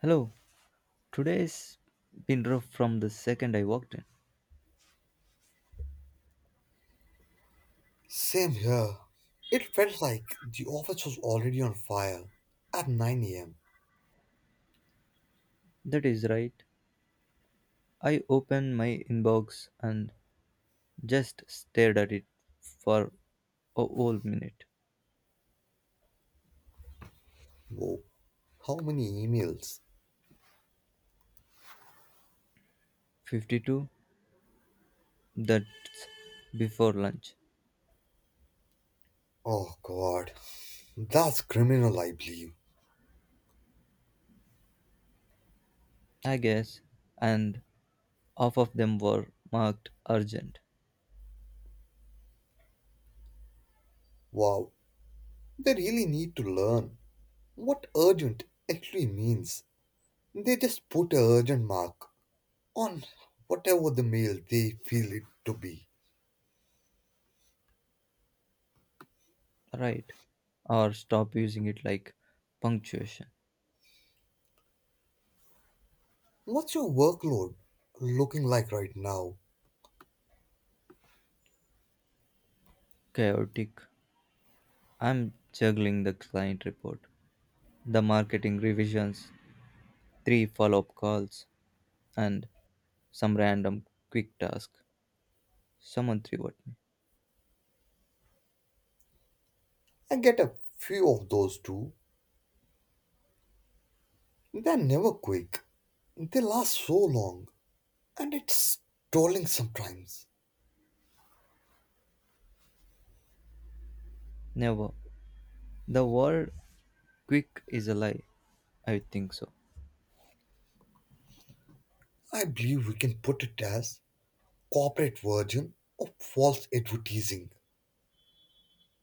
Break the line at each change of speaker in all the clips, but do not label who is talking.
Hello, today's been rough from the second I walked in.
Same here. It felt like the office was already on fire at 9 a.m.
That is right. I opened my inbox and just stared at it for a whole minute.
Whoa, how many emails?
52? That's before lunch,
Oh god, that's criminal, I believe.
I guess. And half of them were marked urgent.
Wow, they really need to learn what urgent actually means. They just put a urgent mark on whatever the mail they feel it to be.
Right. Or stop using it like punctuation.
What's your workload looking like right now?
Chaotic. I'm juggling the client report, the marketing revisions, three follow up calls, and some random quick task someone threw at me.
I get a few of those too. They're never quick. They last so long. And it's trolling sometimes.
Never. The word quick is a lie. I think so.
I believe we can put it as corporate version of false advertising.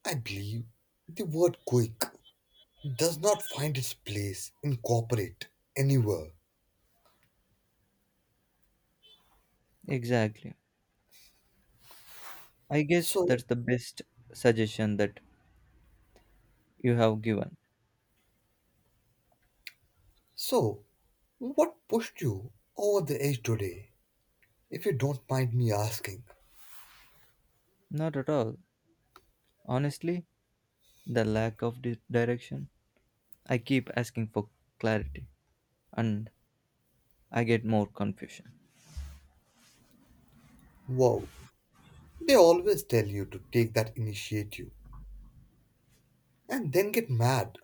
I believe the word quick does not find its place in corporate anywhere.
Exactly. I guess
So,
that's the best suggestion that you have given.
so, what pushed you over the edge today? If you don't mind me asking.
Not at all. Honestly, the lack of direction. I keep asking for clarity and I get more confusion.
Wow, they always tell you to take that initiative and then get mad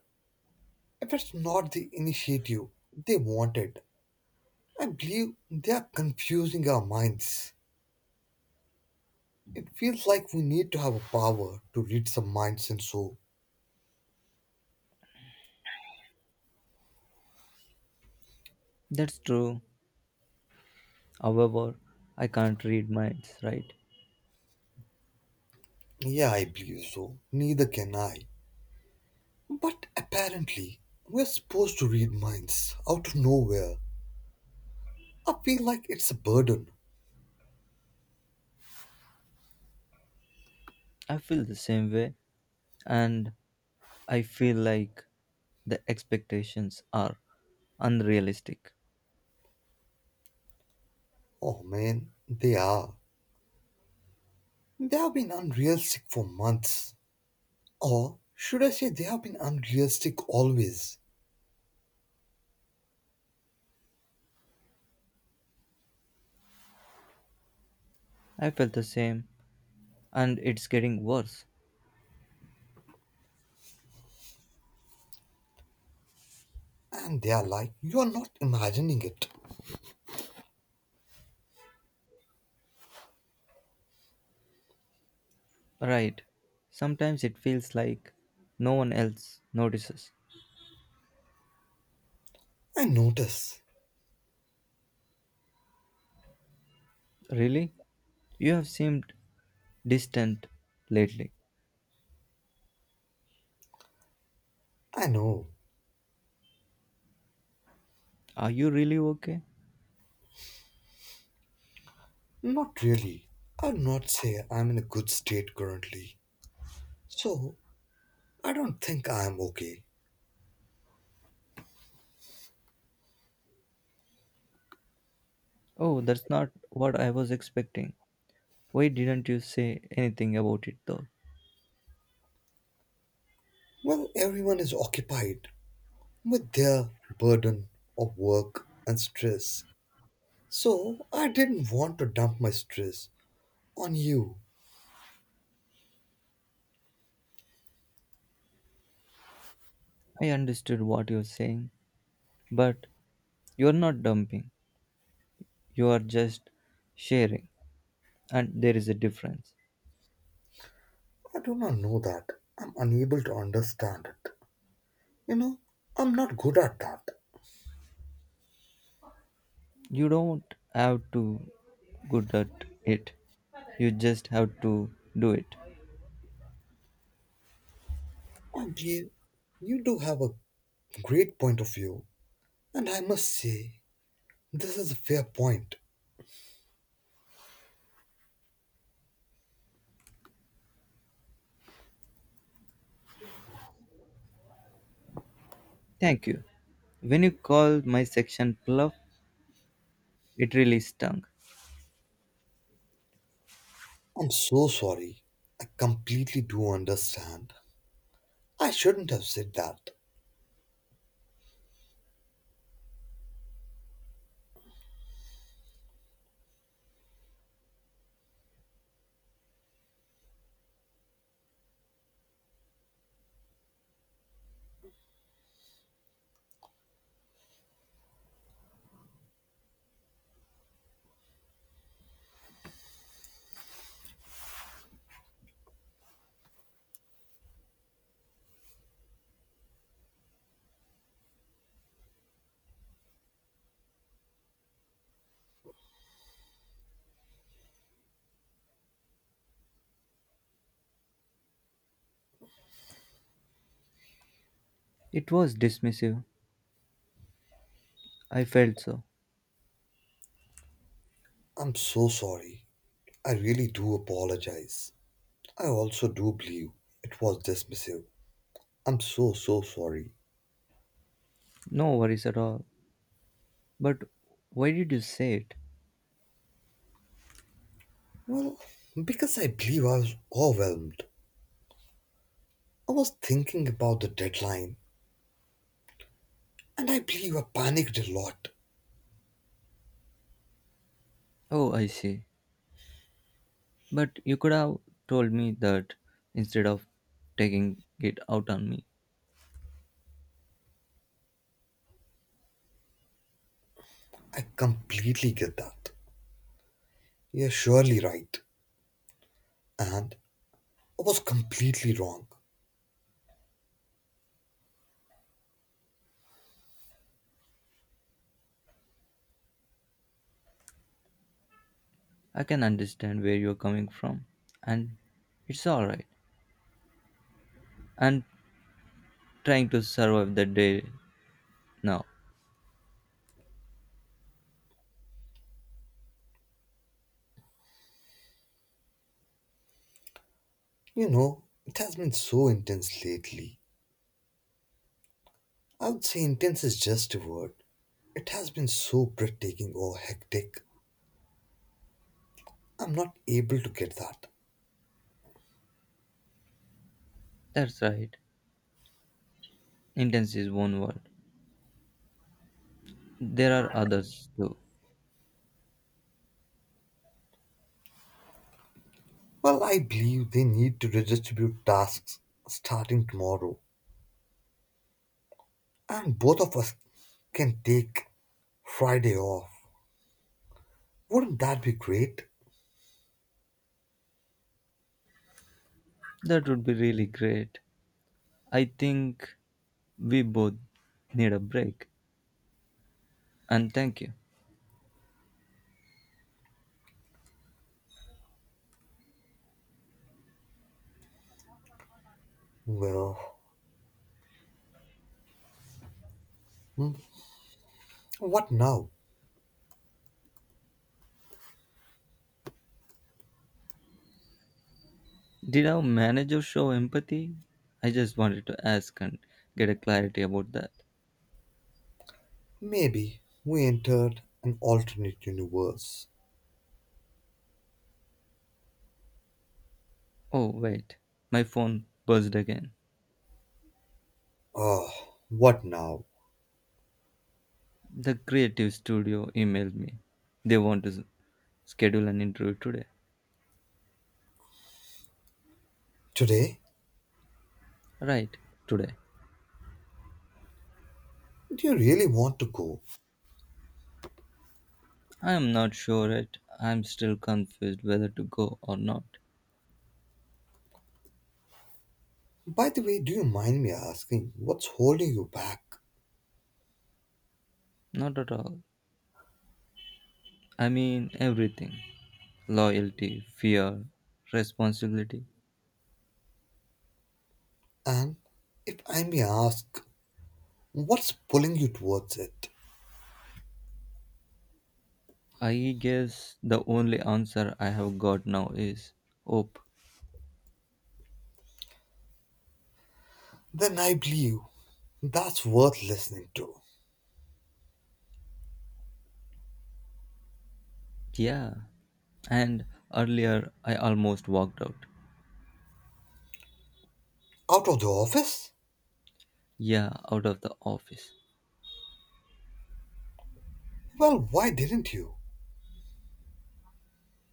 if it's not the initiative they wanted. I believe they are confusing our minds. It feels like we need to have a power to read some minds and so.
That's true. However, I can't read minds, right?
Yeah, I believe so. Neither can I. But apparently, we're supposed to read minds out of nowhere. I feel like it's a burden.
I feel the same way and I feel like the expectations are unrealistic.
Oh man, they are. They have been unrealistic for months. Or should I say, they have been unrealistic always.
I felt the same, and it's getting worse.
And they are like, you are not imagining it.
Right. Sometimes it feels like no one else notices.
I notice.
Really? You have seemed distant lately.
I know.
Are you really okay?
Not really. I'd not say I'm in a good state currently. So, I don't think I'm okay.
Oh, that's not what I was expecting. Why didn't you say anything about it though?
Well, everyone is occupied with their burden of work and stress. So, I didn't want to dump my stress on you.
I understood what you're saying, but you're not dumping. You are just sharing. And there is a difference.
I do not know that. I'm unable to understand it. You know, I'm not good at that.
You don't have to good at it, you just have to do it.
And you do have a great point of view. And I must say, this is a fair point.
Thank you. When you called my section bluff, it really stung.
I'm so sorry. I completely do understand. I shouldn't have said that.
It was dismissive, I felt so.
I'm so sorry. I really do apologize. I also do believe it was dismissive. I'm so, so sorry.
No worries at all, but why did you say it?
Well, because I believe I was overwhelmed. I was thinking about the deadline, and I believe I panicked a lot.
Oh, I see, but you could have told me that instead of taking it out on me.
I completely get that. You're surely right. And I was completely wrong.
I can understand where you're coming from, and it's all right, and trying to survive the day now.
You know, it has been so intense lately. I would say intense is just a word. It has been so breathtaking or hectic. I'm not able to get that.
That's right. Intense is one word. There are others too.
Well, I believe they need to redistribute tasks starting tomorrow, and both of us can take Friday off. Wouldn't that be great?
That would be really great. I think we both need a break. And thank you.
Well, what now?
Did our manager show empathy? I just wanted to ask and get a clarity about that.
Maybe we entered an alternate universe.
Oh, wait. My phone buzzed again.
Oh, what now?
The creative studio emailed me. They want to schedule an interview today.
Today?
Right, today.
Do you really want to go?
I am not sure yet. I am still confused whether to go or not.
By the way, do you mind me asking what's holding you back?
Not at all. I mean, everything loyalty, fear, responsibility.
And if I may ask, what's pulling you towards it?
I guess the only answer I have got now is hope.
Then I believe that's worth listening to.
Yeah. And earlier, I almost walked out.
Out of the office?
Yeah, out of the office.
Well, why didn't you?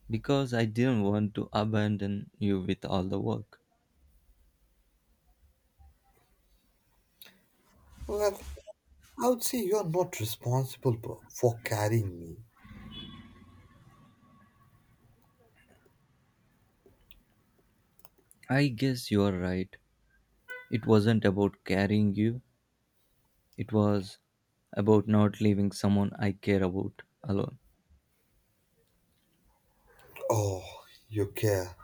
Because I didn't want to abandon you with all the work.
Well, I would say you're not responsible for carrying me.
I guess you are right. It wasn't about carrying you, it was about not leaving someone I care about alone.
Oh, you care.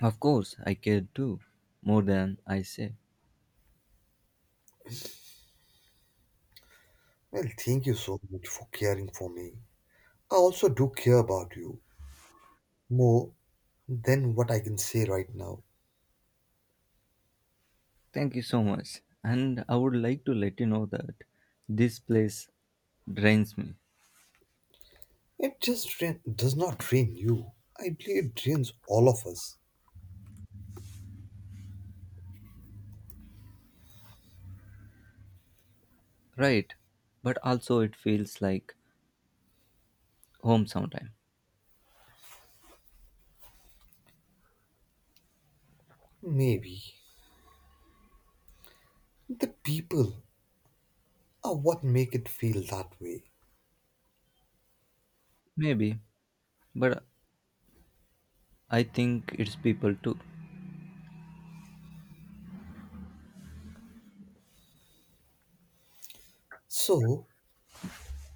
Of course, I care too, more than I say.
Well, thank you so much for caring for me. I also do care about you more than what I can say right now.
Thank you so much. And I would like to let you know that this place drains me.
It just drain, does not drain you. I believe it drains all of us.
Right, but also it feels like home sometime.
Maybe. The people are what make it feel that way.
Maybe, but I think it's people too.
So,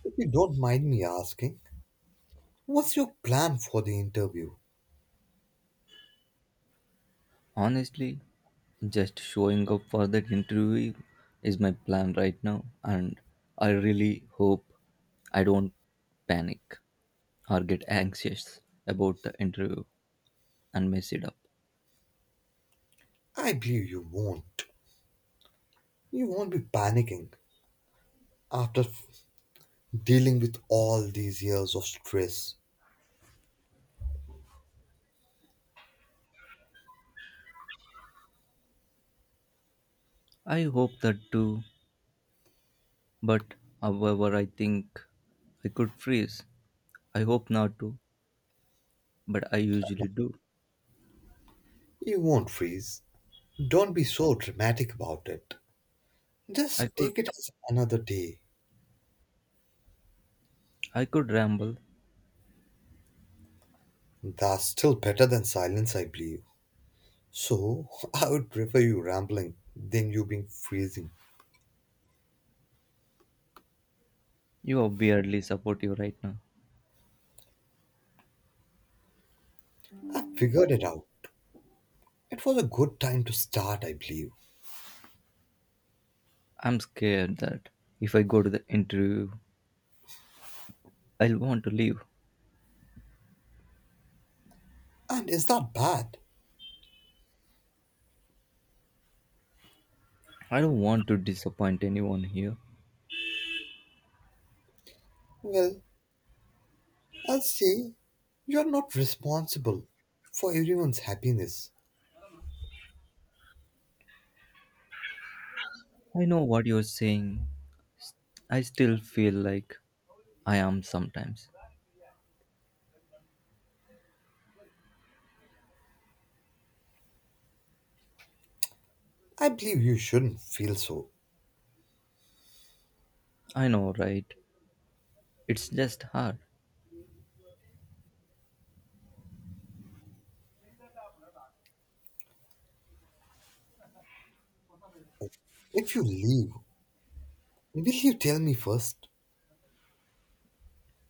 if you don't mind me asking, what's your plan for the interview?
Honestly, just showing up for that interview is my plan right now, and I really hope I don't panic or get anxious about the interview and mess it up.
I believe you won't. You won't be panicking after dealing with all these years of stress.
I hope that too, but however, I think I could freeze. I hope not to, but I usually do.
You won't freeze. Don't be so dramatic about it.
I
Just
could
take it as another day.
I could ramble.
That's still better than silence, I believe. So I would prefer you rambling than you being freezing.
You are weirdly supportive right now.
I figured it out. It was a good time to start, I believe.
I'm scared that if I go to the interview, I'll want to leave.
And is that bad?
I don't want to disappoint anyone here.
Well, I'll say you're not responsible for everyone's happiness.
I know what you're saying. S- I still feel like I am sometimes.
I believe you shouldn't feel so.
I know, right? It's just hard.
If you leave, will you tell me first?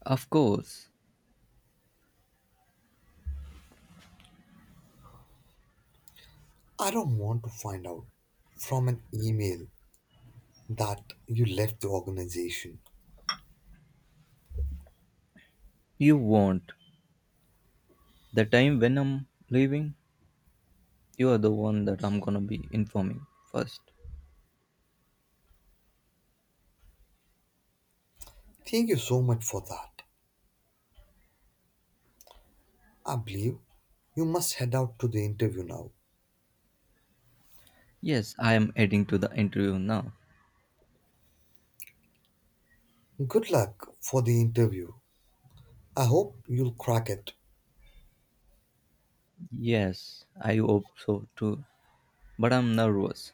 Of course,
I don't want to find out from an email that you left the organization.
you won't. The time when I'm leaving, you are the one that I'm gonna be informing first.
Thank you so much for that. I believe you must head out to the interview now.
Yes, I am heading to the interview now.
Good luck for the interview. I hope you'll crack it.
Yes, I hope so too. But I'm nervous.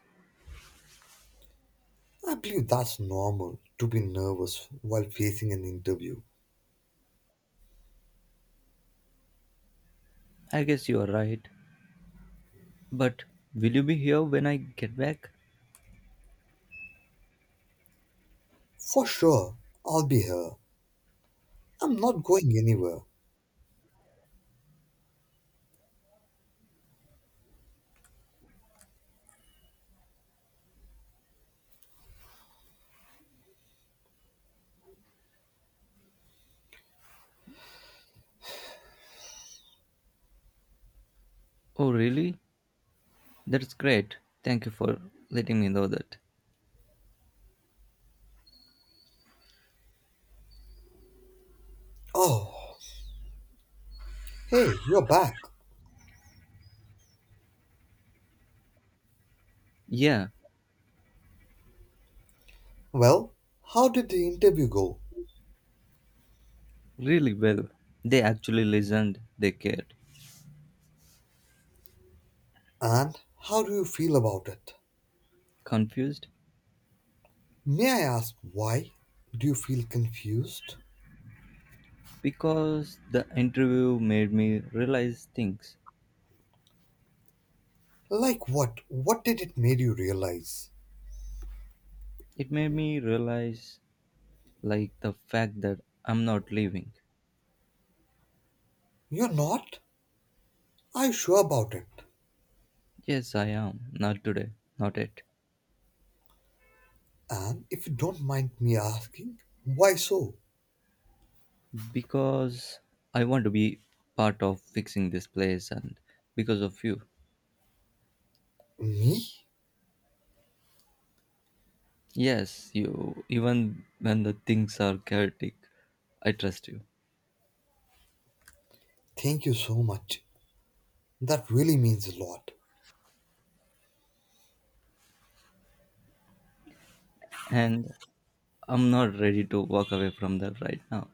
I believe that's normal to be nervous while facing an interview.
I guess you are right. But will you be here when I get back?
For sure, I'll be here. I'm not going anywhere.
Oh, really? That's great. Thank you for letting me know that.
Oh, hey, you're back.
Yeah,
Well, how did the interview go?
really well. They actually listened, they cared.
And how do you feel about it?
Confused?
May I ask why? Do you feel confused?
Because the interview made me realize things.
Like what? What did it make you realize?
It made me realize, like, the fact that I'm not leaving.
You're not? Are you sure about it?
Yes, I am. Not today. Not yet.
And if you don't mind me asking, why so?
Because I want to be part of fixing this place and because of you.
Me?
Yes, you. Even when the things are chaotic, I trust you.
Thank you so much. That really means a lot.
And I'm not ready to walk away from that right now.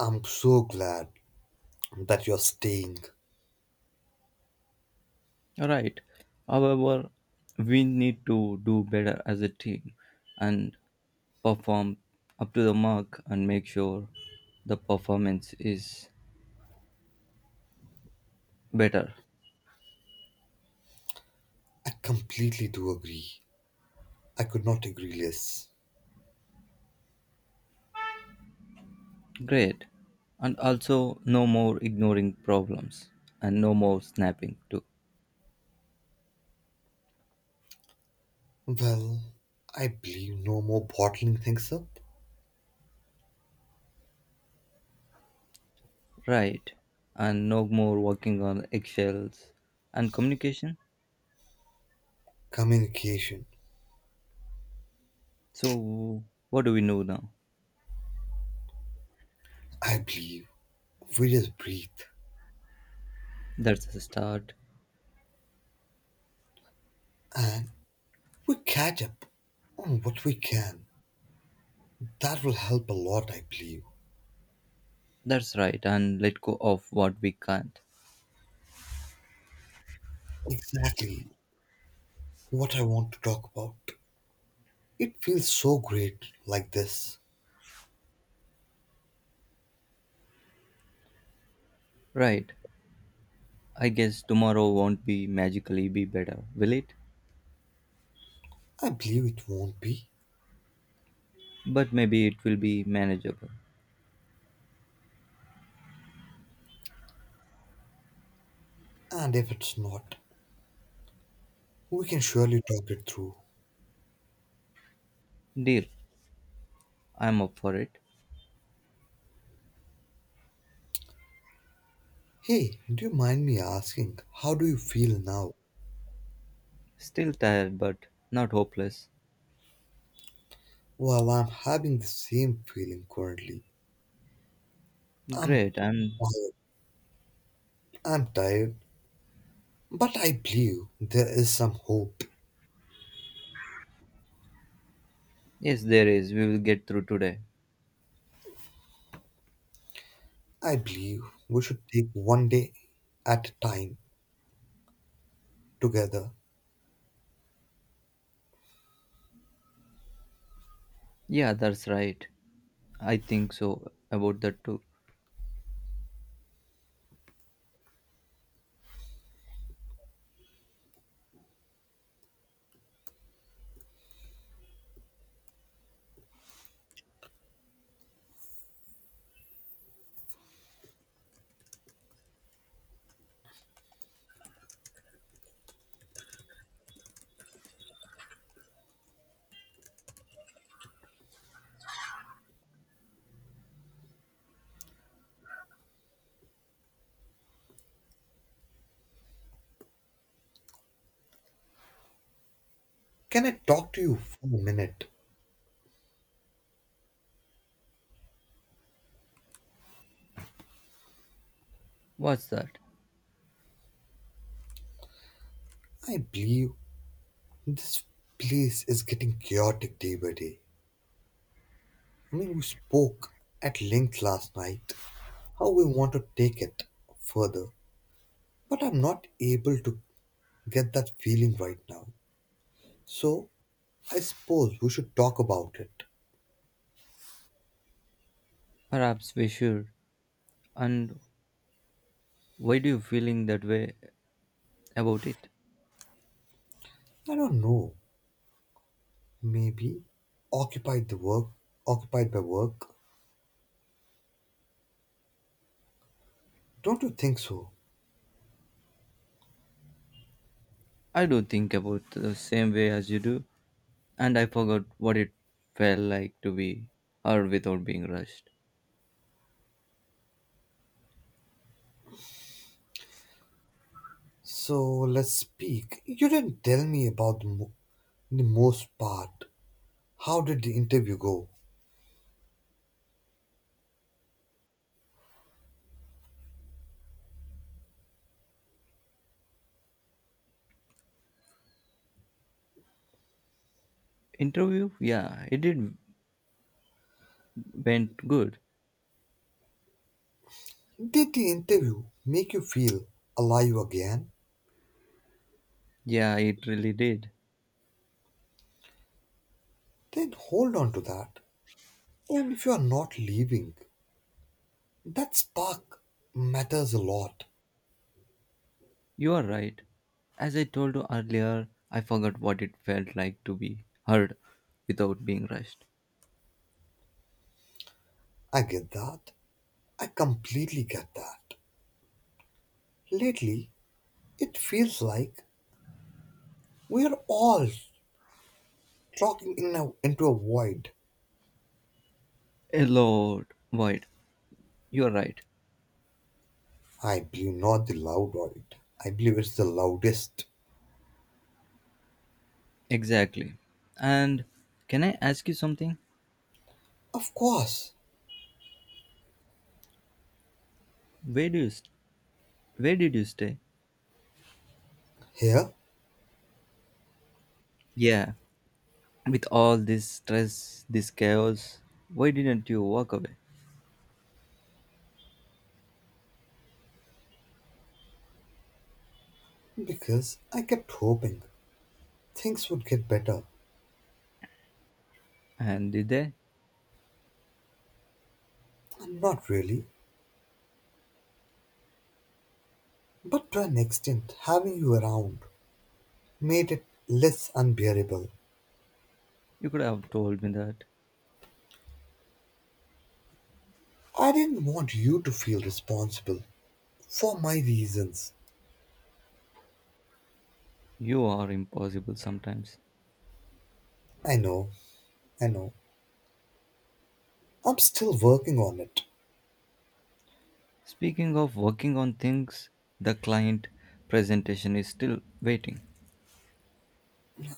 I'm so glad that you're staying.
All right. However, we need to do better as a team and perform up to the mark and make sure the performance is better.
I completely do agree. I could not agree less.
Great. And also, no more ignoring problems and no more snapping too.
Well, I believe no more bottling things up.
Right. And no more working on eggshells and communication.
Communication.
So, what do we know now?
I believe we just breathe
That's a start.
and we catch up on what we can. That will help a lot, I believe.
That's right, and let go of what we can't.
Exactly what I want to talk about. It feels so great like this.
Right, I guess tomorrow won't be magically be better, will it?
I believe it won't be.
But maybe it will be manageable.
And if it's not, we can surely talk it through.
Deal, I'm up for it.
Hey, do you mind me asking, how do you feel now?
Still tired, but not hopeless.
Well, I'm having the same feeling currently. I'm
Great, and
tired. I'm tired. But I believe there is some hope.
yes, there is. We will get through today.
I believe we should take one day at a time together.
Yeah, that's right. I think so about that too.
Can I talk to you for a minute?
What's that?
I believe this place is getting chaotic day by day. I mean, we spoke at length last night how we want to take it further, but I'm not able to get that feeling right now. So, I suppose we should talk about it.
Perhaps we should. And why do you feeling that way about it?
I don't know, maybe occupied the work, occupied by work. Don't you think so?
I don't think about the same way as you do. And I forgot what it felt like to be heard without being rushed.
So, let's speak. You didn't tell me about the, the most part. How did the interview go?
Interview? Yeah, it did went good.
Did the interview make you feel alive again?
Yeah, it really did.
Then hold on to that. And if you are not leaving, that spark matters a lot.
You are right. As I told you earlier, I forgot what it felt like to be heard without being rushed.
I get that. I completely get that. Lately, it feels like we are all talking in into a void.
A lot, void. You are right.
I believe not the loud void. I believe it's the loudest.
Exactly. And can I ask you something?
Of course,
Where do you, s- where did you stay?
here,
Yeah. With all this stress, this chaos, why didn't you walk away?
because I kept hoping things would get better.
And did they?
And not really, but to an extent, having you around made it less unbearable.
You could have told me that.
I didn't want you to feel responsible for my reasons.
You are impossible sometimes.
I know, I know. I'm still working on it.
Speaking of working on things, the client presentation is still waiting.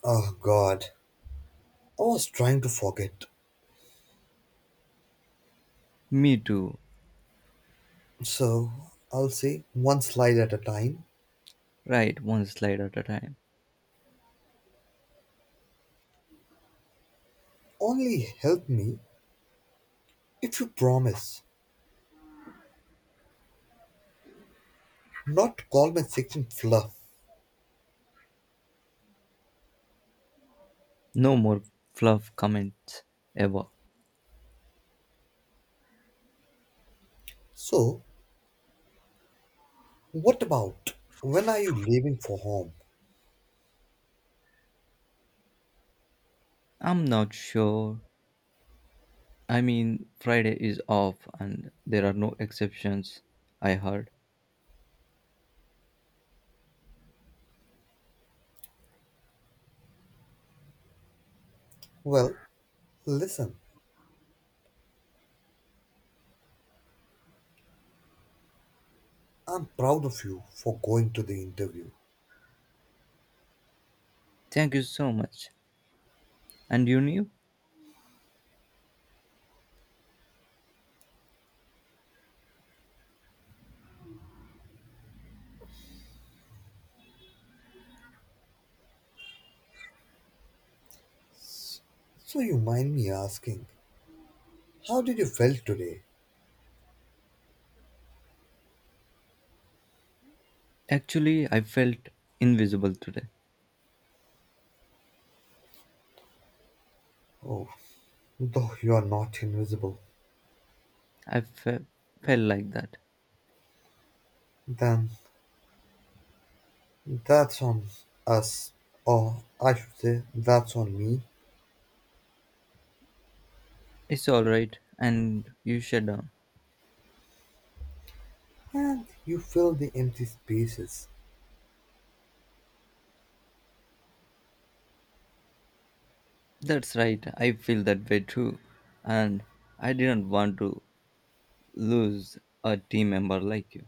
Oh god, I was trying to forget.
Me too.
So, I'll say one slide at a time.
Right, one slide at a time.
Only help me if you promise not to call my section fluff.
No more fluff comments ever.
So, what about when are you leaving for home?
I'm not sure. I mean, Friday is off and there are no exceptions, I heard.
Well, listen, I'm proud of you for going to the interview.
Thank you so much. And you knew?
So, you mind me asking, how did you feel today?
Actually, I felt invisible today.
Oh, though you're not invisible,
I felt like that.
then that's on us, or I should say, that's on me.
It's all right, and you shut down.
And you fill the empty spaces.
That's right, I feel that way too. And I didn't want to lose a team member like you.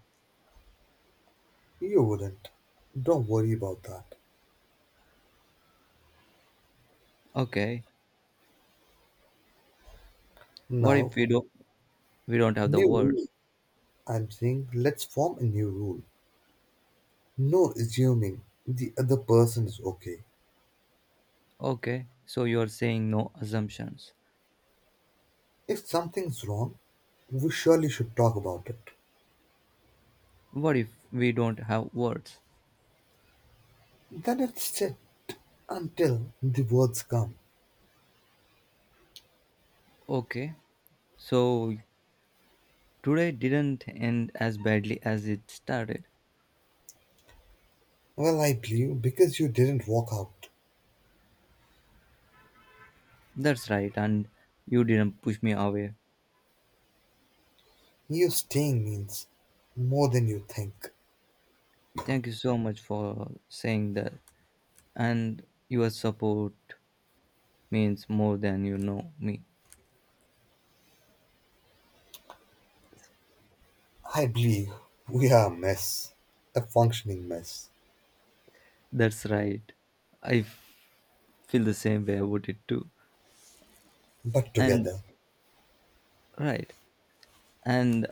You wouldn't. Don't worry about that.
Okay, what if
Now,
we don't have the
new rule.
words?
I'm saying let's form a new rule. No assuming the other person is okay.
Okay, so you're saying no assumptions.
If something's wrong, we surely should talk about it.
What if we don't have words?
Then it's sit until the words come.
Okay, so today didn't end as badly as it started.
Well, I believe because you didn't walk out.
That's right, and you didn't push me away.
You staying means more than you think.
Thank you so much for saying that. And your support means more than you know me.
I believe we are a mess, a functioning mess,
That's right, I feel the same way about it too.
but
And
together.
right, and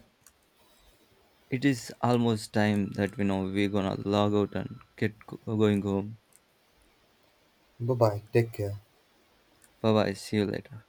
it is almost time that we know we're gonna log out and get going home.
Bye bye, take care.
Bye bye, see you later.